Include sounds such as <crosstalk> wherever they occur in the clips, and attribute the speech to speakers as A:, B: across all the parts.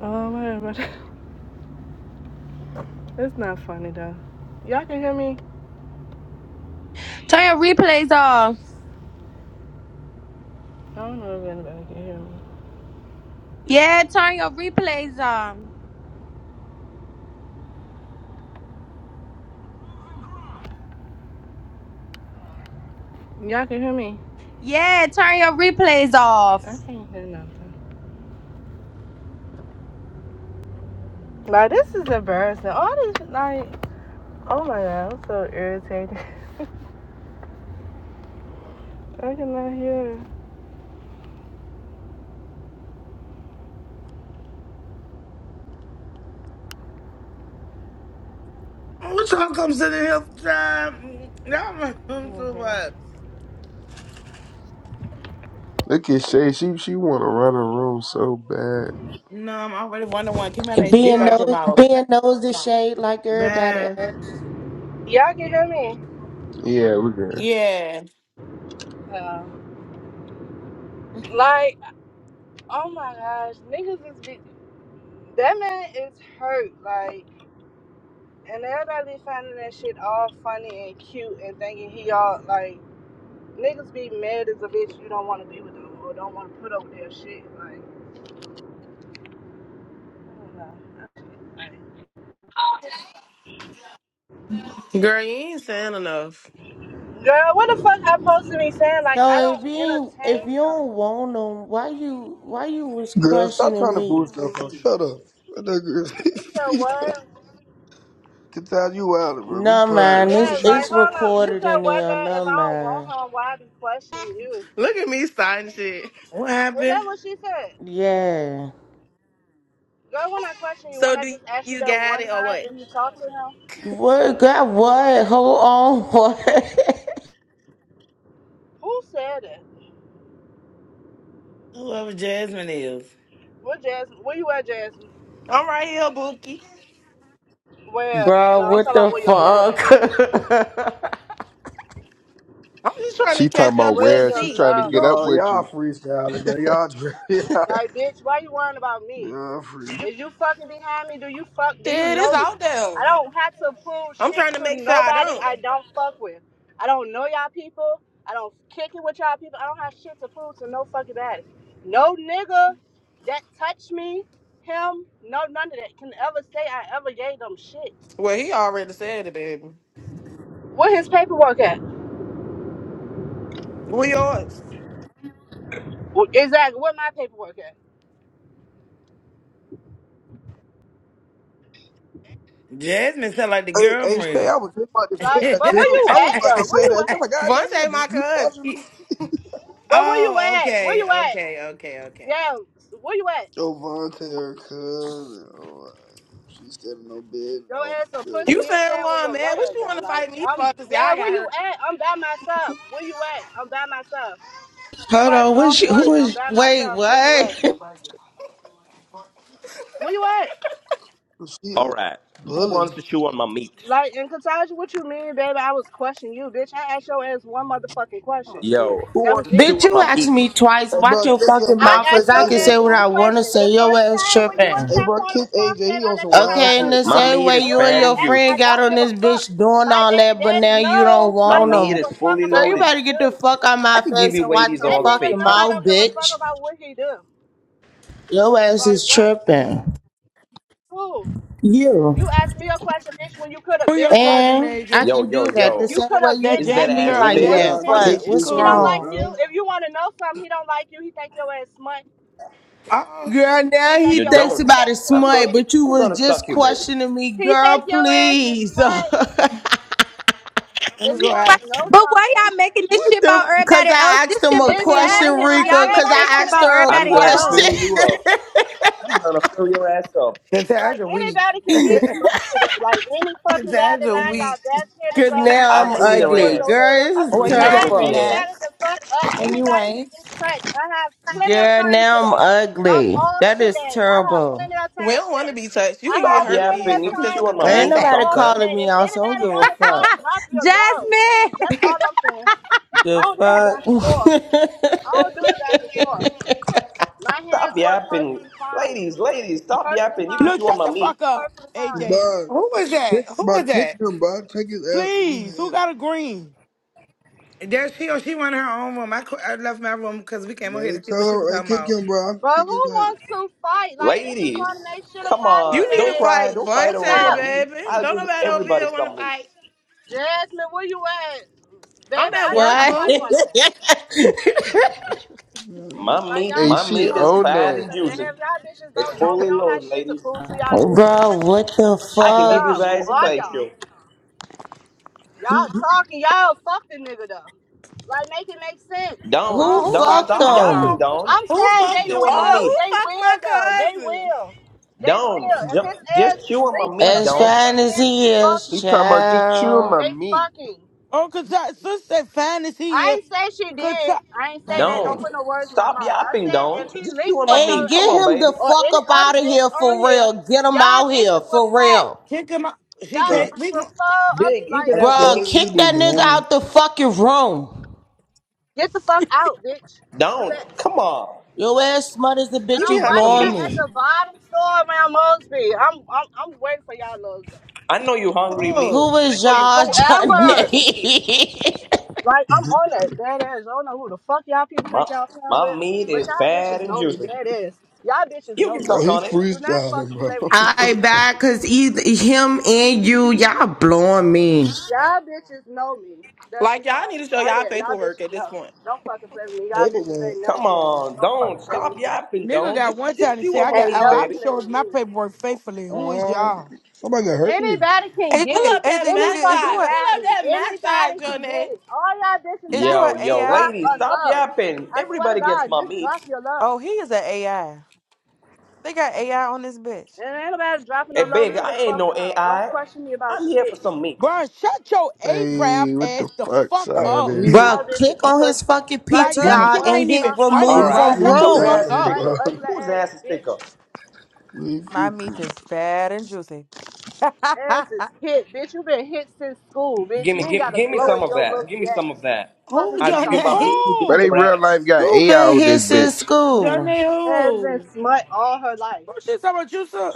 A: Oh, whatever. <laughs> It's not funny though. Y'all can hear me?
B: Turn your replays off.
A: I don't know if anybody can hear me.
B: Yeah, turn your replays off.
A: Y'all can hear me?
B: Yeah, turn your replays
A: I
B: off.
A: can't hear no. Like this is embarrassing. All this like, oh my god, I'm so irritated. <laughs> I cannot hear.
C: What y'all come to the health job? Y'all come too much.
D: Look at Shay. She she want to run her room so bad.
C: No, I'm already one to one. Keep my name dick
E: Being
C: out your
E: nose,
C: mouth.
E: being nosy shade like everybody
C: Bad.
E: else.
A: Y'all can hear me?
D: Yeah, we good.
C: Yeah.
A: Yeah. Like, oh my gosh, niggas is be- that man is hurt. Like, and everybody finding that shit all funny and cute and thinking he all like niggas be mad as a bitch you don't want to be with them or don't want to put up with their shit. like.
F: Girl, you ain't saying enough.
A: Girl, what the fuck I'm supposed to be saying? Like, I
E: So if
A: don't
E: you ain't, if
A: entertain
E: you
A: him.
E: don't want them, why you why you was
G: Girl, stop
E: questioning
G: trying to
E: me?
G: boost up. Bro. Shut up. What that
A: You said
G: girl?
A: what?
G: <laughs> Get out you out bro. Be
E: No man,
G: quiet.
E: it's
A: Yeah,
G: What you want?
A: like,
E: it's
A: hold on. You
E: recorded
A: said
E: in
A: what,
E: there.
A: girl? If
E: No
A: I don't want
E: man,
A: him, why I be questioning you?
F: Look at me signing shit.
C: What
A: Is that
C: happened?
A: what she said?
E: yeah.
A: Girl, when I question you,
F: So
A: when I
F: do
A: just asked you
F: you
A: that
F: got
A: one
F: it or
A: time,
F: what?
A: did you talk to him?
E: What got what? Hold on, <laughs> what?
A: Who said it?
C: Whoever Jasmine is.
A: Where Jasmine? Where you at, Jasmine?
F: I'm right here, Bookie.
A: Where?
E: Bro,
A: No, I'm
E: what
A: talking
E: the
A: about where your low at.
E: fuck?
F: I'm just trying
D: She
F: to
D: talking
F: catch
D: about
F: up to
A: Where's
F: the
D: where she
A: your
F: sea.
D: trying to
A: low?
D: get up
G: Nah,
D: with
G: y'all
D: you.
G: freestyling, man. Y'all drip. <laughs>
A: Like, bitch, why you worrying about me?
G: Y'all free.
A: Is you fucking behind me? Do you fuck? Do you
F: Shit, it's
A: know me?
F: out there.
A: I don't have to prove
F: I'm
A: shit
F: trying to
A: to
F: make sure I
A: nobody
F: don't.
A: I don't fuck with. I don't know y'all people. I don't kick it with y'all people. I don't have shit to prove to no fucking body. No nigga that touched me, him, no none of that can ever say I ever gave them shit.
F: Well, he already said it, baby.
A: Where his paperwork at?
F: We yours.
A: Wh- Exactly. Where my paperwork at?
C: Jasmine sound like the
G: Hey, hey, Shay,
C: girlfriend.
G: I was just about to say
A: Like,
G: that
A: but where
G: too.
A: you
G: I was
A: at
G: about to
A: though? Where
G: say
A: you
G: that too. I'm
A: at?
G: like,
C: <laughs>
F: Vontae ain't
G: goddamn, is
F: my
G: you
F: cousin.
G: watching them?
A: But where you
C: oh,
A: at? Where
C: okay,
A: you at?
C: okay, okay, okay.
A: Yeah. Where you at?
G: Oh, Vontae, her cousin. Oh, uh, she said no bed.
A: Your
G: No,
A: ass a pussy.
F: You
A: You
G: uh,
A: ain't
F: saying
A: saying where
F: why I'm
A: your low
F: mad? What
A: ass
F: you
A: at.
F: want to
A: Like,
F: fight me
A: I'm,
F: for? Cause
A: yeah,
F: y'all
A: where
F: got
A: you
F: herpes.
A: at? I'm by myself. Where you at? I'm by myself.
E: <laughs> Hold
A: Fresh
E: on,
A: off
E: what's you,
A: work.
E: who
A: I'm
E: is?
A: by
E: Wait,
A: myself. Where you
E: what?
A: at?
E: <laughs>
A: Where you at?
G: she
H: All
G: on
H: right. Who
G: bully.
H: wants to chew on my meat?
A: Like, in Kataja, what you mean, baby? I was questioning you, bitch. I asked your ass one motherfucking
C: Oh
A: question.
C: shit.
H: Yo, who
A: That was
H: wants to
A: it.
E: Bitch,
H: chew on
E: you
H: my
E: asked
H: meat?
E: me twice.
G: Hey,
E: Watch
G: bro,
E: your
G: kick him,
E: fucking
A: I
G: bro.
E: mouth, cause
G: Kick
A: asked your
E: I can
A: ass
E: say
G: AJ,
E: what
A: one
G: bro.
E: I wanna
A: question. The
E: say. Your
A: first
E: ass
A: time when you
E: tripping.
A: and
G: Hey, bro,
A: Taquana
G: kick
A: was talking,
G: AJ.
A: baby,
G: He
A: I
G: on
A: let
G: some
A: y'all have
G: wild
E: Okay,
A: y'all
E: in
A: little
G: shit.
E: the
H: My
A: talk.
E: same
H: meat
E: way
H: is
A: And when
E: you
A: I'm
E: and
H: fat
A: at
E: your
H: and
A: act,
E: friend
A: I
H: juicy.
E: got
A: don't
E: on
A: give
E: this
A: a fuck.
E: bitch doing
A: My
E: all
A: baby
E: that, but
A: daddy
E: now you don't
A: knows I
H: My
E: want
A: don't
H: meat
A: give
H: is
E: them.
A: a fuck
H: fully
E: Girl,
A: about
E: you
A: what
H: loaded.
A: he
E: better get the
A: do.
E: fuck out my
H: I can give
E: face
H: you
E: and watch
H: ladies
E: your
A: That
H: all the
A: nigga
E: fucking
A: know
H: facial.
A: I
E: mouth,
A: don't give a fuck
E: bitch.
A: about what he do.
E: Your ass
A: Like
E: is
A: what?
E: tripping.
A: Who?
E: You.
A: You asked me a question, bitch, when you could have
I: Who your
A: been
I: cousin,
A: asked.
E: And I
I: Naja?
H: Yo,
E: can
H: yo,
E: do that the
H: yo.
A: You
E: same
A: could
E: way
A: have
E: you
I: That
A: been
H: Is
E: do
H: that
I: Jasmine
A: asked,
G: Yeah,
E: me
H: ass
I: girl.
A: bitch. You
G: One
E: like
G: of
A: want
H: thick?
I: Jasmine
E: that.
G: y'all
I: funny.
A: attention?
G: kick
E: What?
I: She
G: this
E: What's
A: He don't
G: nigga,
I: cool.
A: like
E: wrong?
A: you.
G: bro.
A: If you want to know something, he don't like you. He think your ass smart.
C: Oh.
E: Girl,
A: He
E: now he
A: think
H: You
A: your ass
E: thinks
H: don't.
E: about his
H: I'm
A: catfish,
H: gonna
E: smut,
A: bitch.
E: but you
H: I'm
E: was
H: gonna
E: just
H: suck you, baby.
E: questioning me.
A: He
E: Girl,
A: think your ass is
E: please.
A: smart.
E: <laughs>
I: Let me
A: If you
I: go
B: But
A: want
B: why,
I: ask
A: to know
I: her.
B: but why
A: something,
B: y'all making this
E: What
B: shit about
E: the? Cause
B: everybody else?
E: I asked
B: This
E: him
B: shit
E: a
B: between you
E: question,
B: and
A: exactly.
B: him.
A: Like,
B: Y'all
E: Rika.
A: girl,
E: Cause
B: making
A: why you
B: that
E: I
B: shit
A: trying to
E: asked
B: about
A: make
E: her a
A: shit
H: I'm
B: everybody
A: a
H: gonna
E: question.
H: fill
B: else.
A: problem?
H: you
E: <laughs>
H: up. I'm gonna fill your ass up.
A: Like
C: Cassandra weak.
A: anybody can get
C: <laughs>
A: punched today. Like any fucking battle
C: Cassandra
A: line, y'all
C: weak.
A: best hitters
E: Good
A: up. I
E: now
H: I'll
A: got
E: I'm
A: a
H: clean
A: hitter
H: her
A: for
E: ugly,
H: ass.
A: your
E: girl.
A: hitter.
H: I'll
E: This is
C: Well,
H: clean
C: you
H: her
A: Line
C: definitely
H: poopy
E: terrible,
H: ass.
C: not.
A: anybody the fuck up.
C: And you
A: Anybody can
C: ain't.
A: get touched. I have plenty of
E: girl.
A: time
E: Now I'm
A: today. I'm
E: ugly.
A: off
E: That is
A: today. I have
E: terrible.
A: plenty of
F: We
A: time
F: don't want to
A: today.
F: be touched. You
A: I
F: can get
A: have
H: Stop
A: plenty
F: herpes
A: of
H: yapping. You
F: from
H: can
A: time
H: chew
F: physical
H: on my
A: today.
E: Ain't
H: meat for
A: I'm
F: contact.
E: nobody
H: some
A: off
H: time.
E: calling
A: today.
E: me
A: If
E: out, so I don't
A: anybody
E: give
A: want to
E: a
A: fight,
E: fuck.
A: drop your load,
B: Jasmine,
A: please. That's all I'm saying. I
E: The
A: don't do the back and forth. I
E: fuck.
A: don't do the back and forth. My hands
H: Stop
A: work
H: yapping.
A: perfectly fine.
H: Ladies, ladies, stop
A: Perfectly
H: yapping. You can
I: Look,
H: chew
A: fine.
H: on
I: shut
H: my
I: the
H: meat.
I: fuck up,
A: Perfectly fine.
I: AJ.
G: Bro,
C: Who was that?
G: kick,
C: Who
G: bro,
C: was
G: kick
C: that?
G: him, bro. Take his ass on
I: Please. Who
G: him.
I: got a green?
C: There she or she wanted her own room. I, cou- I left my room because we came over
G: Man,
C: here to see
G: tell
C: what she was
G: her, hey,
C: talking
G: kick
C: about.
G: him, bro. I'm
A: But who
G: kicking his
A: wants to fight? Like bitches running
H: Ladies,
A: they shit up
H: come
A: me
F: You
H: on.
F: need to
H: Don't
A: today.
H: cry.
F: fight
H: Don't fight
A: What's
H: over
F: Vontae,
H: my
A: up,
H: meat.
F: baby.
H: I'll
F: Don't
H: give
F: nobody over
H: everybody
F: here want to
H: some meat.
F: fight.
A: Jasmine? Where you at, baby?
F: I'm
E: <laughs>
F: at
A: I, I
F: work,
E: what?
F: boo.
A: fight one thing.
H: My
A: Like
H: meat,
A: y'all
D: Hey,
H: my
A: bitches
D: she
H: meat is
A: want
D: own
H: fat
A: jokes
D: that.
H: and
A: and
H: juicy.
A: damn, y'all bitches
H: It's
A: don't know me.
H: fully
A: I don't have
H: loaded,
A: shit to
H: ladies.
A: prove to
E: <laughs>
A: y'all bitches.
E: Bro, what the
H: I
A: Fuck is
H: can give
E: fuck?
H: you
A: y'all. Who
H: guys a
A: are y'all?
H: facial.
A: Y'all
G: ass.
A: talking. Y'all fuck the nigga though. Like make it make sense.
E: Who
H: Don't,
C: Oh, who
H: don't
C: fucked
E: fucked
C: him?
H: stop
C: Hold
E: him?
H: yapping,
C: on.
H: don't.
A: I'm
C: Who
A: saying
H: Just
C: fucked
A: they
H: chew
C: him?
H: on my
A: will.
H: meat.
F: Oh,
A: They
F: who fucked
A: will though.
F: my
A: They
F: cousin?
A: will. They
H: Don't,
A: will. If
H: ju-
A: his ass
H: just chew on
A: leak
H: my
A: with
H: meat,
A: a bitch,
E: As
H: don't.
E: fine
A: that
E: as
A: ass
E: he
A: is
E: is,
D: He
A: fucking.
D: talking about just chewing
E: child.
D: my
A: They
D: meat.
A: fucking.
I: Oh, Kata- sis said fine is
A: I
I: here.
A: ain't say she did.
I: Kata-
A: I ain't say that. Don't
I: Man.
H: Don't.
A: put no words in my
H: Stop
A: mouth. I
H: yapping,
A: said if
H: don't.
A: he
H: Just chew
A: linked
H: on
A: with
H: my
E: Hey,
A: her
H: meat. Come
E: get
H: on,
A: ass
E: him
H: baby.
E: the
A: or any
E: fuck up
A: other
E: out of here
A: bitch on
E: for
A: here,
E: real. Get him
A: y'all
E: out here
A: bitches were
E: for
A: crack.
E: real.
C: She come out. She
G: <laughs>
A: Y'all
G: Bro,
C: can't.
A: bitches
C: We
A: were
C: gon-
A: full. I'm
H: Big, you
A: like,
H: can
G: I
H: have some
E: Bruh,
G: told
H: meat
G: you
H: too.
G: he
E: kick
A: bitch,
E: that
G: been
A: please
E: nigga
G: blowing.
E: out the fucking room.
A: get the fuck out, bitch. Do that.
H: Don't. Come on.
E: Your ass smut is the
A: And
H: You
E: bitch you
A: I'm
H: can have
A: right
H: some
A: here
E: blowing
A: at
E: me.
H: meat.
A: the bottom store around Mosby. I'm I'm, I'm waiting for y'all little
H: I know you hungry meat.
E: Who
C: oh,
H: I
E: is
H: know you
E: y'all,
H: some you hungry for
A: whoever.
H: some meat.
E: Johnny?
A: Like
G: <laughs>
A: I'm on that dead ass. I don't know who the fuck y'all people
H: My
A: think y'all playing
H: my
A: with,
H: meat
A: but
H: is
A: y'all
H: fat
A: bitches
H: and
A: know me
H: juicy.
A: dead ass. Y'all bitches
H: You
A: know
H: can
A: me.
G: Oh,
H: suck on
G: he's
H: it.
A: Do not
G: freestyling,
A: fucking
G: bro.
A: play with
E: <laughs>
A: me.
G: <laughs>
E: I bad cause either him and you, y'all blowing me.
A: Y'all bitches know me. That's the
F: Like y'all need
A: problem.
F: to show
A: Right
F: y'all
A: there. Y'all
F: paperwork
A: bitches
F: at this
A: know.
F: point.
A: Don't fucking play with me. Y'all
G: Paper
A: bitches
G: man.
A: ain't
H: Come
A: never played with me.
H: on,
A: Don't
H: don't
A: fucking play
H: stop
A: with me now.
H: yapping,
I: Nigga
H: don't.
I: got
H: Just
I: one time
H: just
I: to
H: chew
I: say, I
H: on my
I: got,
A: Ain't
H: meat,
I: oh,
A: never
I: I've
H: baby.
A: played
I: showed
A: with
I: my
A: me.
I: paperwork faithfully. Who is
G: Um,
I: y'all?
G: somebody got hurt me.
A: Anybody can get
F: Pull
J: AJ,
A: it.
F: up that
J: AJ,
A: Any
F: match
J: nigga, is you
A: fucking
J: a
F: shot. Pull up
A: body.
F: that match shot,
A: Anybody can
F: Jonay.
A: get it. All y'all bitches
J: is you
A: gotta
H: Yo,
J: a
A: do is
H: yo,
J: AI?
A: drop
H: ladies,
A: a
H: stop
A: low.
H: yapping.
A: I swear to
H: Everybody gets
A: God,
H: my
A: just
H: meat.
A: drop your low.
J: Oh, he is a AI. They got AI on this bitch.
A: And ain't nobody dropping no
H: Hey
A: low.
H: big,
A: Leave me
H: I
A: the
H: ain't
A: fuck
H: no
A: alone. Don't
H: AI.
A: question me about
H: I'm here for
A: shit.
H: some meat.
I: Bro, shut your A-rap
D: Hey, what the
I: ass the
D: fuck's
I: fuck
D: out
G: Uh,
D: of
I: up.
D: there?
G: he,
A: Y'all
E: Bruh,
A: bitches
E: click on his
A: pussy.
E: fucking
A: Like,
I: Like,
G: he,
I: that
A: girl,
E: PTR
I: shit
A: what?
E: and
I: ain't
E: hit
I: even
A: Talking about
I: funny,
H: All
A: why
E: remove
G: he
A: I'm
I: bro.
H: right.
E: from
I: Shut
A: questioning you.
I: the
H: Whose
A: Girl,
E: room.
A: your
H: ass
I: fuck
H: is
G: freestyling,
I: up.
A: smut,
G: bro.
H: thicker?
G: <laughs>
A: ugly
H: Whose
A: ass,
H: ass is thicker?
A: bitch.
G: He
J: My
G: free-
J: meat is fat and juicy. <laughs>
A: Ass is hit, bitch. You been hit since school, bitch.
H: Give me,
A: You ain't
H: give,
A: got a
H: give me
A: glow
H: some
A: in
H: of
A: your
H: that.
A: looks
H: Give me
A: yet.
H: some of that.
A: Fuck
C: who
A: is
H: I'll
A: you
H: give you
A: talking
H: my
A: about?
H: meat.
C: Johnny?
H: You give me
D: But they
H: your
I: Who?
D: real life
H: ass.
D: got
E: Who
D: AI
E: been
D: on
E: here
D: this
E: since
D: bitch.
E: school?
C: Johnny
A: Ass been
C: who?
A: smut all her life.
I: Who she talking about you, sir?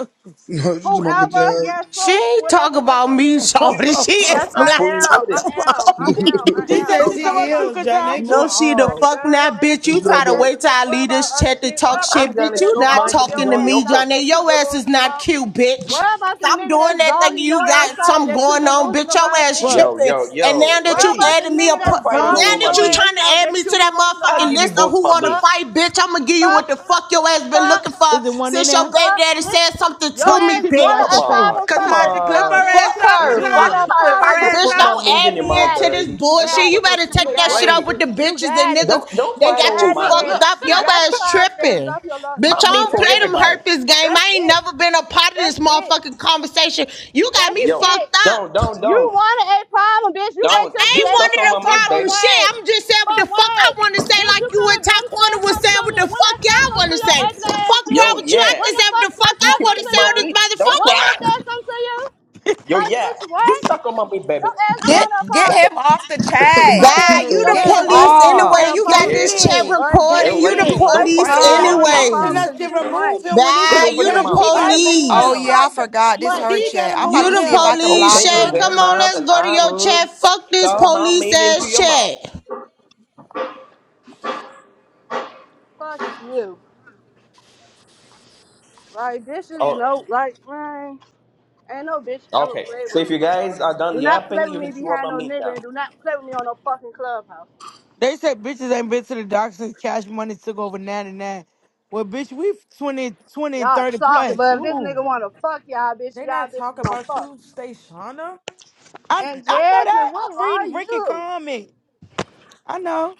G: no, just about good
A: Whoever,
G: time.
A: yes,
E: She
A: sis,
E: ain't talk
A: whatever her
E: about
A: name
E: me,
A: is.
C: <laughs>
E: Shorty. <laughs> She
A: Yes,
E: is
A: I
H: I'm
E: not
H: fully
A: am. I'm
H: loaded.
E: talking
A: am. I'm
E: about
G: <laughs>
E: me.
A: am. I
I: She
C: she
H: Fully
A: am.
I: said
C: said
A: I'm
I: she
H: loaded.
I: talking
A: talking
C: she
I: about
A: about
I: you,
C: ill.
A: you.
C: Johnny
I: Cassandra.
C: going
E: No, she the
A: Like,
C: oh.
E: fuck
A: girl,
E: not,
A: your ass
E: bitch.
A: is
E: You
G: Just
E: try to
A: ugly
G: about,
A: as a
E: wait till
A: bitch.
E: I
A: What
E: leave
A: about
E: this
A: other
E: chat to
A: shit? What
E: talk
A: about
E: shit,
H: I'm
A: the nigga
E: bitch.
H: gonna
E: You
A: that's
H: shoot
E: not
H: my
A: dogging
H: cheese
E: talking
A: your
E: to
H: on
A: ass
E: me,
H: your
A: out
H: face.
A: that
E: Johnny.
A: you
E: Your ass is
A: delusional
E: not
A: about?
E: cute,
A: What
E: bitch.
A: about the
E: Stop
A: nigga
E: doing
A: that's
E: that thing.
A: dogging
E: You
A: your ass
E: got
A: out
E: something
A: that you
E: going on, bitch.
A: delusional
E: Your
A: about,
E: ass
A: bitch?
I: What?
H: Yo,
E: tripping.
H: yo,
E: And
H: yo,
E: now that
A: What
E: you
A: about
H: ladies,
A: the
E: added me a,
A: nigga
E: pu-
H: stop
A: that's
E: now
H: fighting
I: Huh?
H: over
A: dogging
E: that
H: my
A: your
E: you
H: meat.
A: ass
E: trying to
A: out
E: add me
A: that
E: to
A: you
E: that
A: delusional
H: I'll
E: motherfucking
A: about?
H: give you
E: list of
H: both
E: who
H: my
E: want to
H: meat.
A: Fuck,
E: fight, bitch. I'ma give you
A: fuck,
E: what the fuck your ass been
A: fuck,
E: looking for
I: Is it one in
E: since
I: there?
E: your baby
A: fuck,
E: daddy
A: bitch.
E: said something
A: Your
E: to
I: Brush your
E: me,
A: ass
I: teeth and wash
H: Come
A: wanted
I: your
E: bitch.
A: a
H: on,
A: problem
I: face.
A: from
H: come
A: the
F: Kataja, clip her
A: jump,
H: on.
E: Fuck
F: ass
A: bitch.
F: up,
I: And
H: Just,
A: You
E: her.
I: then
F: Kataja.
A: want
E: Fuck
I: you
A: a
H: just,
E: her.
F: Clip
A: problem
F: her
E: Like,
A: from
H: just
F: ass
A: the
E: bitch,
H: put
F: up.
H: my
E: don't
A: jump,
H: meat
A: bitch.
H: in
E: add
H: your
A: You
E: me
H: mouth,
A: got
E: into
A: it.
E: this
H: ladies.
A: You
I: And
E: bullshit.
I: don't
A: got
E: You
A: it.
I: put no
E: better
A: You
E: take
I: toothpaste
E: that
I: in
A: got
E: shit
A: it.
I: my
E: up
H: Ladies,
E: with
I: face.
E: the
A: You
E: bitches and
A: got it.
E: niggas
H: don't, don't
E: that
A: You
H: fight
E: got
H: over
E: you
A: got it,
H: my
F: Look,
E: fucked
H: meat.
A: baby.
F: look,
E: up.
F: sit
A: You
E: Your
A: got the
E: ass
A: problem, baby.
E: tripping.
A: Drop your love. That's
E: Bitch, I
H: My
A: it.
H: meat
E: don't
A: That's
H: for
E: play
A: it.
E: them
H: everybody.
E: hurt this game.
A: That's
E: I ain't
A: it.
E: never been a part of
A: That's
E: this
A: it.
E: motherfucking conversation. You got
A: That's
E: me
H: Yo,
A: it.
E: fucked
H: don't,
E: up.
H: don't,
A: You
H: don't,
A: wanted a problem, bitch. You
E: I
A: wait
H: don't.
E: I
A: till
H: You
E: ain't
A: today to
H: stuck
E: wanted
H: on
A: say
E: a
H: my
A: something
H: meat,
A: for
E: problem
H: baby.
E: shit.
A: what?
E: I'm just saying what
A: For
E: the fuck I
A: what?
E: want to say,
A: Bitch, you
E: like you
A: could
E: and
A: have been
E: Taquana
A: said
E: was
A: something
E: saying
A: to
E: what
A: me.
E: the
A: When
E: fuck
A: I said
E: y'all
A: something
E: want
A: to
E: to
A: your
E: say.
A: ugly ass,
E: Fuck wrong
A: bitch.
H: Yo,
E: with you. I
H: yeah.
A: When
E: can say
A: the
E: what
A: fuck
E: the
A: I
E: fuck I
H: You
A: said
H: can
E: want
A: something
E: to
H: take
A: to
E: say
H: my
E: on
A: you?
E: this
H: meat. Don't
A: When
E: motherfucker.
H: cry.
A: I said something to you?
H: Yo,
A: Like,
H: yeah.
A: bitch, what?
H: Just suck on my meat, baby.
A: Your ass
K: Get
A: want a
K: get
A: problem,
K: him off the
G: <laughs>
A: bitch. My
K: chat.
G: he
E: Bye.
A: ass.
E: You
A: Your
E: the
G: throwing
K: Get
A: ass
K: him
G: it.
E: police
A: ugly. You want
E: anyway.
K: off.
A: a
C: Hey
E: You got
A: problem,
H: Yeah.
A: bitch,
E: this
A: because
E: chat
A: you
C: KB,
A: ugly.
H: And
E: recording. You the
A: You
H: ladies,
C: KB,
H: don't
A: ugly,
H: fight
E: police
A: bitch.
H: over
A: You
K: Huh?
H: my
C: stop
A: want a
H: meat.
C: asking
A: problem
E: anyway.
C: us
A: because
C: to
A: you smart.
C: remove him when it's
H: Just
E: Bye.
C: her
H: open
E: You
H: your
E: the
C: chat.
A: You
C: She
H: mouth.
C: gotta
A: ugly. You
C: move
A: want
K: Oh
E: police.
A: a
C: him.
K: yeah,
A: problem
K: I
A: because you
K: forgot. This
A: smart,
K: her
C: She
A: bitch.
K: chat.
C: gotta
K: I'm about
E: You
C: move
K: to
E: the
K: see if I
C: him.
K: can
E: police,
K: block
H: Open your
E: Shay.
A: Fuck,
E: Come
K: him.
H: damn
E: on,
H: mouth,
E: let's
H: and
E: go to
H: I
E: your
H: will
E: chat. Fuck this
H: shove my
E: police
H: meat into
E: ass
H: your mouth.
E: chat.
A: fuck you. Like bitches
H: Oh,
A: no like man, ain't no bitch ever
H: okay.
A: played
H: So
A: with
H: if
A: me
H: you guys
A: before.
H: are done
A: Do not play
H: yapping,
A: with
H: you
A: me
H: can chew on
A: behind
H: my
A: no
H: meat
A: nigga
H: now.
A: and do not play with me on no fucking clubhouse.
I: They said bitches ain't been to the doctor since cash money took over 99. Well, bitch, we 20, 20 and
A: Y'all
I: 30
A: talking,
I: plus.
A: but if this
I: Ooh.
A: nigga wanna fuck y'all bitches,
J: They
A: y'all
J: not talk
A: bitches gonna
J: about
A: fuck.
J: you, Stashana.
I: I
A: And
I: I know
A: Jasmine,
I: that.
A: what
I: I'm
A: are
I: reading Ricky
A: you?
I: comment. I know.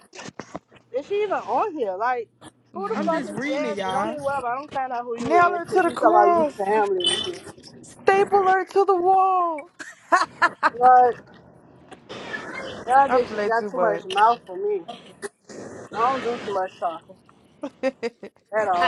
A: Is she even on here? Like,
J: <laughs>
A: who the
I: I'm
A: fuck
J: Nail
I: just
A: is
I: reading it,
A: Jasmine? Don't
I: y'all.
A: even worry about it. I'm find out who you is,
J: her to
A: cause
J: the
A: you talk about you
J: cross.
A: family and shit.
J: Staple her to the wall. <laughs>
A: But y'all
J: I
A: bitches
J: play
A: got
J: too
A: too much
J: much.
A: mouth for me. I don't do too much talking
J: <laughs>
A: at all.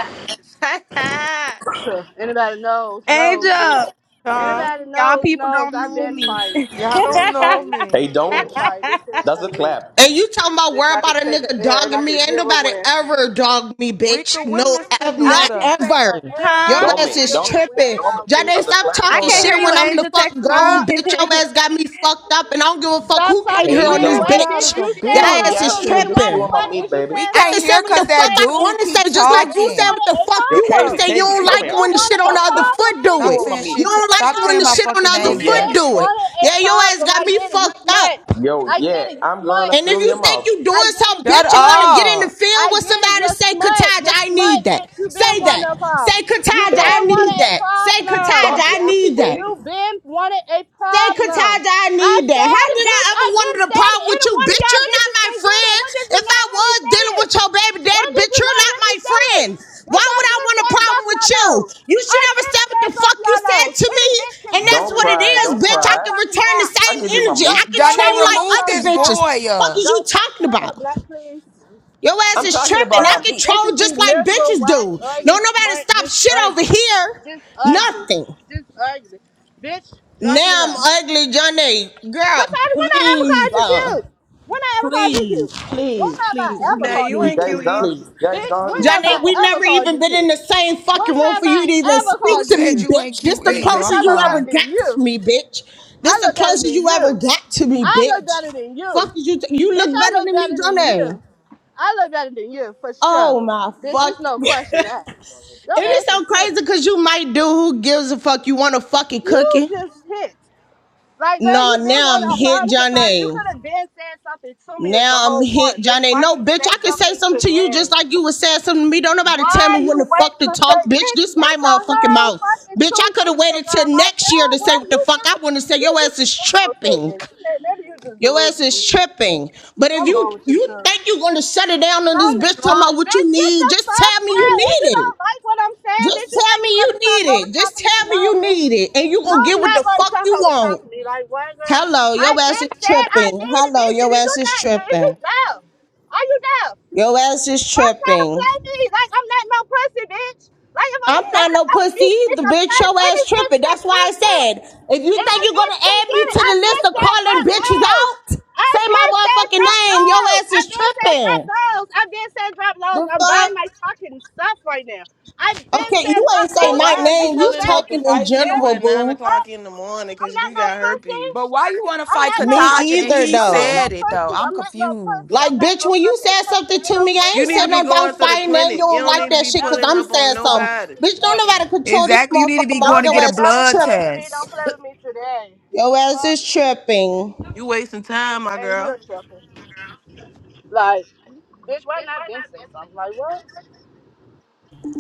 F: down.
A: <laughs> So anybody
B: <laughs>
A: knows, knows, bitch.
B: Angel,
J: uh,
A: Anybody
B: y'all
A: knows,
B: people
A: knows.
B: don't
A: I've
B: know
A: been
B: me. <laughs>
A: fighting,
J: y'all
A: been
J: don't know
A: fighting,
J: me.
H: Hey, don't.
A: been fighting. This shit ain't
B: huh?
H: That's a
A: nothing to me.
H: clap.
E: And you talking about
A: Bitch,
E: worry
A: I could
E: about a
A: take a
E: nigga
A: L and I
E: dogging me?
A: could
E: Ain't
A: give a
E: nobody
A: win.
E: ever dogged me,
J: Rika,
E: bitch.
J: where
E: No,
J: Mr.
E: ev-
A: I
E: not
A: could
J: Nuda?
A: take a
E: ever.
A: L
E: Your
A: and I
E: ass
A: could
H: Dummy,
E: is
A: give a
H: dummy. Hey,
A: win
E: tripping.
H: dummy.
A: out,
E: Jade,
H: That's
A: bitch.
H: a
E: stop
H: clap.
B: I
E: talking
J: Hold
B: can't
E: shit
B: hear
J: up.
B: you,
E: when I'm the
B: Angel.
E: fuck
B: Text me.
E: gone,
A: Girl,
E: bitch. Your
B: <laughs>
E: ass got me fucked up, and I don't give a fuck
A: stop
E: who came
A: talking
E: here
H: Hey,
E: on
J: Rika
A: shit.
E: this
J: is
A: What,
H: dummy.
J: loud as
E: bitch.
A: bitch?
J: a
A: You
E: Your
A: said
H: Stop
J: bitch.
E: ass
A: something
E: is
A: to
H: yapping and
A: me.
H: just
A: Why
H: chew
A: the
E: tripping.
H: on my
A: fuck
H: meat,
A: is you
H: baby.
K: We
A: saying
E: I
K: can't
A: something
E: can say
K: hear
A: to
E: what
A: me
E: the
K: cause
E: fuck
K: that
E: I
A: today,
E: want
K: dude
E: to
K: keep
E: say, just
A: You
E: like you
A: been
E: said
K: talking.
E: what
A: wanted
E: the
A: a
E: fuck
H: Yo,
E: you want to
A: problem.
H: Kaylee,
E: say. You
H: Kaylee,
E: don't
A: You
H: come
E: like it
H: here.
A: been
E: when the shit
A: wanted
E: on
A: a
E: the
H: Stop,
E: other
H: stop.
A: problem,
E: foot
A: bitch.
E: do
H: Chew
K: Stop
E: it.
A: You
H: on my
K: saying
A: been
H: meat.
E: You
K: shit. To,
A: wanted
E: don't
A: a
K: stop
E: like it when the
K: saying
A: problem.
K: my
E: shit on the
K: fucking
A: You
E: other
H: Yo,
K: name,
H: yeah.
E: foot
A: been
K: bitch.
E: do it.
A: wanted a
E: Yeah, your ass
A: problem. I
E: got me
A: get it. You
E: fucked
A: smut.
E: up.
H: Yo,
A: I get
H: yeah.
A: it. You
H: I'm gonna
A: smut.
E: And if
H: fill
E: you
H: your
E: think
H: mouth.
E: you doing
A: I get it.
E: something,
A: You
K: Shut
E: bitch, and want
A: smut.
E: to get in the
K: up.
E: field
A: I
E: with
A: get it.
E: somebody,
A: You're
E: say,
A: smut.
E: Kataja,
A: You're
E: I
A: smut,
E: need that.
A: bitch. You been
E: Say that.
A: wanted a
E: Say,
A: problem. You
E: Kataja,
H: Yo,
E: I
A: been
E: need
A: wanted a
E: that. Say, Kataja,
H: stop
A: problem.
E: I
H: yapping,
E: need that.
A: You
H: ladies.
A: been wanted a
E: Say,
A: problem.
E: Katada, I
A: I
E: need that.
A: said
E: How
A: it,
E: did I
A: bitch. I
E: ever
A: been
E: wonder the
A: said it.
E: problem with
A: Any
E: you?
A: one of
E: Bitch,
A: y'all
E: you're not
A: bitches
E: my
A: can get it.
E: friend.
A: What did you
E: If
A: not
E: I
A: hear me
E: was
A: say
E: dealing
A: it?
E: with your baby
A: When
E: daddy,
A: did
E: bitch,
A: you
E: you're
A: not
E: not
A: hear me
E: my
A: say it?
E: friend. Why
A: Bitch, I
E: would I
A: been
E: want a
A: said
E: problem
A: drop
E: with
A: y'all
E: you?
A: lows.
E: You
A: I
E: should ever
A: been
E: said what
A: said
E: the
A: drop
E: fuck you
A: y'all
E: said
A: lows.
E: to me.
A: Any bitch can
E: And
A: get it.
E: that's
H: Don't
A: Do
E: what it
A: not
H: cry,
A: play
E: is,
A: with
H: don't
A: me
E: bitch.
A: on
E: I
A: no
H: cry.
E: can
A: fucking
E: return the
A: app.
H: I'll
E: same
H: give you my
E: energy.
H: meat.
E: I
A: Don't
E: can
A: play with me
E: troll
K: Janae,
A: on
E: like
A: no
K: remove
E: other
A: fucking
K: this
E: bitches.
A: app.
K: boy.
E: Fuck
K: Uh.
E: is you
A: Don't play.
E: talking
A: Can I get a
E: about?
A: black, please?
E: Your ass
H: I'm
E: is
H: talking
E: tripping.
H: about
E: I
H: my
A: Fuck,
E: can
H: meat.
A: bitches
E: troll
A: be
E: just like
A: miserable,
E: bitches
A: white,
E: do. No,
A: ugly,
E: nobody
A: smart,
E: stop
A: just
E: shit over
A: ugly.
E: here.
A: Just ugly.
E: Nothing.
A: Just ugly. Bitch, drop your
E: Now
A: love.
E: I'm ugly, Johnny.
A: Cause
E: Girl,
A: I, when I ever
E: please,
A: called you
E: uh,
A: cute? When I ever called you
E: please,
A: cute? When
E: please,
A: have
E: please,
A: I
F: <laughs>
A: ever
F: now
E: please,
A: called
F: you
A: you
H: You
E: please,
F: ain't
A: cute?
H: guys
F: cute
E: please,
H: done?
F: either.
E: please.
H: You guys
A: Bitch,
H: done?
A: when
H: You can
A: have
H: chew
E: Johnny,
A: I
H: on my
E: we
H: meat.
A: ever
E: never
A: called
E: even
A: you
E: been in
A: cute?
E: the same
A: When
E: fucking room
A: have
E: for you
A: I
E: to even
A: ever
K: Who
E: speak
A: called
E: to
A: you
E: me,
K: said
A: cute?
K: you ain't
E: bitch. This
K: cute
E: the
H: Hey.
K: either?
A: Bitch,
K: I'm
E: closest
A: I
E: you
A: look
E: ever
A: better
K: crying.
E: got
A: than
E: to
A: you.
E: me, bitch. This
A: I
E: the
A: look better
E: closest
A: than
E: you ever
A: you.
E: got to me,
A: I look
E: bitch.
A: better than you.
E: Fuck is you, t- you
A: Bitch,
E: look
A: I
E: better
A: look
E: than me,
A: better than
E: Johnny.
A: you. I look better than you for sure.
E: Oh my
A: Bitch, there's
E: fuck. <laughs>
A: no question that.
E: it
A: Your
E: is
A: ass is
E: so
A: hit.
E: crazy because you might do who gives a fuck. You want a fucking
A: You
E: cookie?
A: just hit. Like, girl,
E: No,
A: you been
E: now
A: one
E: I'm
A: of our
E: hit
A: problem because you
E: Johnny.
A: could have been saying something to me is the
E: Now I'm
A: whole
E: hit,
A: point, bitch.
E: Johnny.
A: Why
E: No,
A: you
E: bitch, I
A: say
E: can say
A: something
E: something to you just
A: today?
E: like you was saying something to me. Don't nobody tell
A: Why
E: me
A: you
E: when the
A: wait
E: fuck to
A: to say
E: talk, bitch.
A: it's
E: This my
A: it's a
E: motherfucking
A: whole
E: mouth.
A: fucking
E: Bitch,
A: two
E: I could have
A: weeks
E: waited
A: ago?
E: till
A: Like,
E: next year
A: girl,
E: to
A: why
E: say what the
A: you
E: fuck
A: just
E: I want to say.
A: you
E: Your
A: just
E: ass is
A: miserable too,
E: tripping.
A: bitch. You may- Maybe you just
E: Your ass is
A: delusional miserable too.
E: tripping. But if
A: Something
E: you
A: wrong with you
E: you
A: too.
E: think you're gonna shut it down on this
A: Something is
E: bitch talking
A: wrong.
E: about what
A: Bitch,
E: you
A: get
E: need,
A: the
E: just
A: fuck
E: tell me you
A: out. If
E: need
A: you
E: it.
A: don't like what I'm saying,
E: Just
A: bitch, you
E: tell
A: think
E: me
A: you're
E: you
A: gonna talk
E: need
A: over
E: it.
A: top
E: Just
A: of me?
E: tell me
A: No,
E: you need
A: bitch.
E: it. And you gonna
A: You're
E: get what
A: not
E: the
A: gonna
E: fuck
A: talk
E: you
A: over top
E: want.
A: of me. Like, what, girl?
E: Hello,
A: I
E: your ass is
A: been said I
E: tripping.
A: needed a
E: Hello,
A: bitch. Is
E: your
A: you
E: ass is
A: not? Is you
E: tripping.
A: deaf? Are you deaf?
E: Your ass is
A: Stop trying to
E: tripping.
A: play me. Like I'm not no pussy, bitch. Like if I'ma
E: I'm
A: say
E: not
A: I
E: no
A: don't
E: pussy
A: need it,
E: either,
A: bitch, I'm
E: bitch.
A: telling
E: Your
A: you, any
E: ass
A: bitch
E: tripping.
A: can
E: That's why I
A: get it.
E: said, if you think
A: Any
E: you're
A: bitch
E: gonna
A: can
E: add me
A: get it.
E: to
A: I
E: the
A: been
E: list of
A: said
E: calling
A: drop
E: bitches
A: lows.
E: out,
A: I
E: say
A: been
E: my
A: said
E: motherfucking
A: drop
E: name. Your
A: lows.
E: ass
A: I
E: is
A: been said drop
E: tripping.
A: lows. I been said drop lows.
E: The
A: I'm buying my
E: fuck?
A: fucking stuff right now. I been
E: Okay, you
A: said drop
E: ain't say
F: But
A: lows,
E: my
A: bitch.
F: why is you
A: Ain't
E: name. You
F: pulling
A: nobody
F: up to
E: talking
A: getting no
E: in
F: fight
A: spare.
F: people
E: general,
F: at nine
E: boo.
A: Fuck.
F: o'clock in the morning?
A: I'm
F: Cause
A: not
F: you
A: no
F: got
A: pussy.
K: But
F: herpes.
K: why you want to
A: I'm
K: fight
A: not no
E: Me
K: Kataja
A: pussy.
K: and
E: either,
K: he
A: I'm not
E: though.
A: no
K: said it though?
A: pussy.
K: I'm
A: I'm not no
K: confused.
A: pussy.
E: Like,
A: I'm not no
E: bitch, when you
A: pussy.
E: said
A: Pussy.
E: something
A: Ain't
E: to
A: no
E: me, I
A: bitch
F: You
E: ain't
F: need
E: said
F: to
A: ever
F: be
E: nothing
A: play
F: going
E: about
F: to
A: with
F: the
E: fighting
A: me.
E: and you
F: clinic. You
E: don't
A: Ain't
F: don't
A: no
E: like
F: need to
E: that
A: bitch
F: be
E: shit
A: ever
E: because
F: pulling
E: I'm
A: play
F: up
A: with
F: on
E: saying
A: me. Don't
E: something.
A: play with
F: nobody.
A: me
E: Bitch, don't
A: today.
E: know how to control this
K: Exactly. You need to
E: motherfucker
K: be
A: No
E: mouth.
K: going to
E: Your
K: get a
A: bitch
E: ass is
A: ever
K: blood
A: play
E: tripping.
A: with me. Don't
K: test.
A: play with me today.
E: Your ass
A: Fuck.
E: is tripping.
F: You wasting time, my
A: And you're
F: girl.
A: tripping. Like, bitch, why not been say something? Like, what?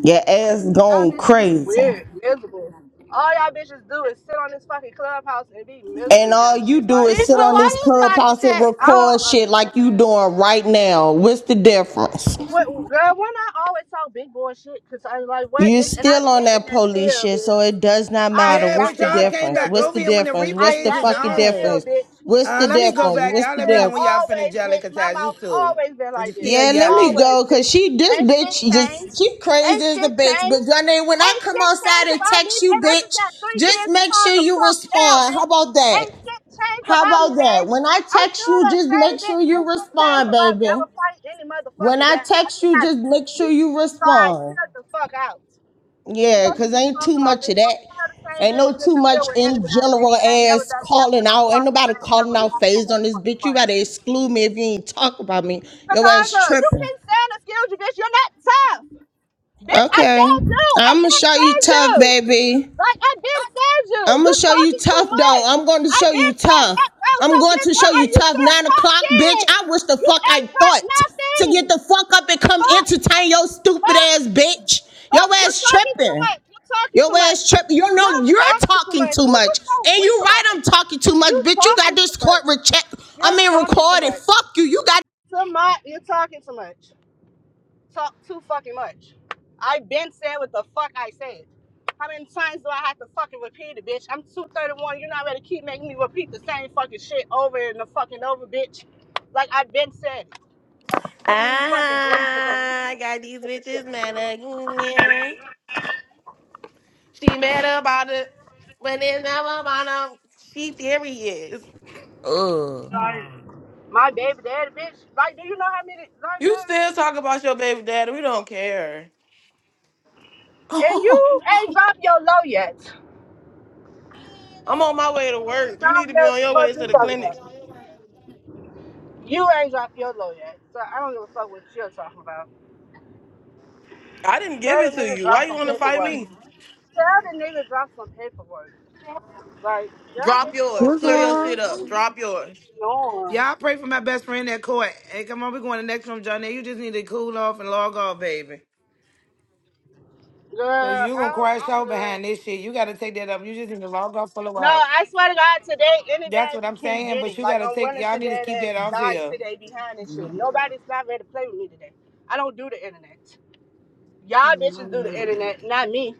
E: Your ass
A: Y'all
E: going
A: bitches is
E: crazy.
A: weird, miserable. All y'all bitches do is sit on this fucking clubhouse and be miserable
E: And all
A: and
E: you
A: shit.
E: do
A: Like,
F: Bitch,
E: is sit
A: I
F: well,
E: on
A: don't
E: this
F: why you
A: understand.
F: start the
E: clubhouse and
F: chat? <laughs>
A: I
E: record
A: don't
E: shit like you
A: understand.
E: doing right now. What's the difference?
A: What girl? When I always talk big boy shit, cause I was like what
E: You're
A: bitch, and I
E: still on
A: get in
E: that
A: that
E: police
A: field,
E: shit,
A: bitch.
E: so it does not matter.
A: I
C: Yeah,
E: What's
C: but
A: got
E: the
A: in
C: y'all
A: that
C: came
E: difference?
A: field,
C: back
E: What's
C: over
E: the
A: bitch.
C: here when the
E: difference?
A: I
E: What's the
C: replays
A: got
C: is
A: in
E: fucking
A: that
C: on.
A: field,
E: difference?
A: bitch.
E: What's
C: Uh,
E: the
A: I
C: let me
A: got
C: go
E: difference?
A: in
C: back.
A: that
E: What's
C: Y'all
E: the
C: let me
A: field
C: know when
E: difference?
C: y'all finish
A: always,
C: yelling
A: bitch.
C: because
A: My
C: I
A: mouth
C: used to.
A: always been
C: You
A: like this,
C: still
E: Yeah, let me
C: yelling.
A: always,
E: go, cause
A: bitch.
E: she, this
A: Ain't shit
E: bitch,
A: changed.
E: just she crazy
A: Ain't
E: as a
A: shit
E: bitch.
A: changed.
E: But Gunna, when I
A: Ain't
E: come
A: shit
E: outside
A: changed
E: and
A: about me,
E: text you,
A: baby. I just
E: bitch,
A: got three
E: just
A: kids and
E: make
A: calm
E: sure
A: the
E: you
A: fuck down,
E: respond. How
A: bitch.
E: about that?
A: Ain't shit changed
E: How
A: about me,
E: about that?
A: baby.
E: When I
A: I'm
E: text
A: still
E: you,
A: the
E: just
A: same
E: make sure
A: bitch.
E: you
A: Ain't shit changed
E: respond,
A: about me. I
E: baby.
A: would fight any
E: When
A: motherfucking
E: I
A: battle. I
E: text
A: just
E: you,
A: have
E: just make
A: kids,
E: sure
A: bitch.
E: you
A: So I
E: respond.
A: chill the fuck out.
E: Yeah,
A: Fucking
E: cause
A: you
E: ain't too
A: talking about,
E: much of
A: bitch.
E: that.
A: I'm still the same
E: Ain't
A: bitch and
E: no too
A: getting the
E: much
A: field with
E: in
A: anybody, bitch.
E: general
A: I ain't never
E: ass
A: got there for
E: calling
A: no
E: out. Ain't
A: fight and
E: nobody
A: I ain't
E: calling
A: never
E: out
A: lost no
E: phase on this
A: motherfucking
E: bitch. You
A: fight.
E: better exclude me if you ain't talk about me. Your ass
A: Cassandra, you
E: tripping.
A: keep saying the skills, you bitch. You're not tough. Bitch, I
E: Okay.
A: saved you. I
E: I'ma
A: did
E: show you
A: save
E: tough,
A: you.
E: baby.
A: Like I been said you.
E: I'm gonna
A: You're
E: show you
A: talking too
E: tough though.
A: much.
E: I'm going to
A: I
E: show you
A: been said
E: tough.
A: drop low, so
E: I'm going
A: bitch,
E: to
A: why
E: show you
A: are you
E: tough.
A: still
E: Nine o'clock, bitch.
A: talking?
E: I wish the
A: You
E: fuck I
A: ain't dropped
E: thought to
A: nothing.
E: get the fuck up and come
A: Fuck,
E: entertain your stupid
A: fuck,
E: ass bitch. Your
A: fuck. You're
E: ass
A: talking too
E: tripping.
A: much. You're talking
E: Your
A: too much.
E: ass tripping. You know
A: You're
E: you're
A: talking too
E: talking
A: much.
E: too
A: Who was
E: much,
A: so
E: and
A: weak
E: you right.
A: about
E: I'm
A: her?
E: talking too much,
A: You
E: bitch. You got
A: talking too
E: this court
A: much.
E: recheck. I
A: You're
E: mean
A: talking too
E: recorded.
A: much.
E: Fuck you. You got.
A: Too much. You're talking too much. talk too fucking much. I've been said what the fuck I said. How many times do I have to fucking repeat it, bitch? I'm 231. You're not ready to keep making me repeat the same fucking shit over and the fucking over, bitch. Like I've been said. Can't even fucking believe it's
F: I got these bitches mad again. She mad about it, but it's never about them. She serious.
K: Ugh.
A: my baby daddy, bitch. Like, do you know how many like
F: You
A: man?
F: still talk about your baby daddy. We don't care.
A: And
K: <laughs>
A: you ain't dropped your low yet. So
F: I'm on my way to work. You
A: I
F: need
A: don't
F: to be
A: care
F: on your
A: what
F: way
A: the fuck
F: to
A: you
F: the
A: talking
F: clinic.
A: about. You ain't dropped your low yet. So I don't give a fuck what you're talking about.
F: I didn't give
A: Tell
F: it
A: the
F: to
A: nigga
F: you. Why
A: drop
F: you
A: some
F: want to fight
A: paperwork.
F: me?
A: Tell the nigga drop some paperwork. Like y'all
F: Drop
A: bitch is so
F: yours.
L: What's
F: Clear your
A: irritating.
L: wrong?
F: shit
A: Who
F: up.
A: you
F: Drop yours.
A: be on?
C: Y'all pray for my best friend at court. Hey, come on, we going to the next room, Johnny. You just need to cool off and log off, baby.
A: Girl,
C: Because you going to
A: I'm,
C: crash
A: I'm
C: out
A: good.
C: behind this shit. You got to take that up. You just need to log off for a
A: No,
C: while.
A: I swear to God, today
C: That's what
A: anybody
C: I'm
A: can
C: saying,
A: get
C: but
A: it.
C: you got
A: Like
C: to
A: I'm
C: take,
A: willing
C: y'all
A: to
C: need to
A: dead
C: keep
A: ass
C: that off
A: die
C: here.
A: today behind this shit. Nobody's not ready to play with me today. I don't do the internet. Y'all bitches do the internet, not me.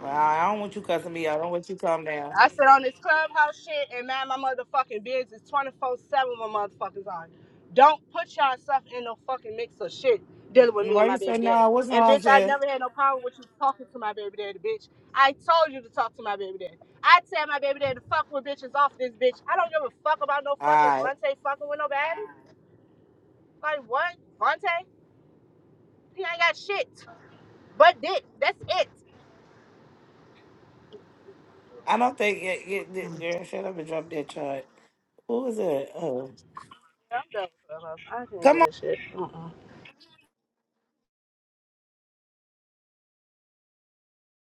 C: Well, I don't want you cussing me out. I don't want you calm down.
A: I sit on this clubhouse shit and mind my motherfucking business 24 7 with motherfuckers on. Don't put yourself in no fucking mix of shit dealing
C: Mm,
A: with
C: mm,
A: me and
C: Why
A: my
C: you say
A: baby daddy.
C: no? What's
A: And
C: wrong,
A: bitch, I
C: sis?
A: never had no problem with you talking to my baby daddy, bitch. I told you to talk to my baby daddy. I tell my baby daddy to fuck with bitches off this bitch. I don't give a fuck about no
C: All
A: fucking
C: right.
A: Vontae fucking with nobody. Like what? Vontae? He ain't got shit. But dick. That's it.
C: I don't think it, it, it, girl, shut up and drop that chart. What was that? Uh,
A: I'm done with Clubhouse. I can't do
C: come
A: this shit. Uh-uh.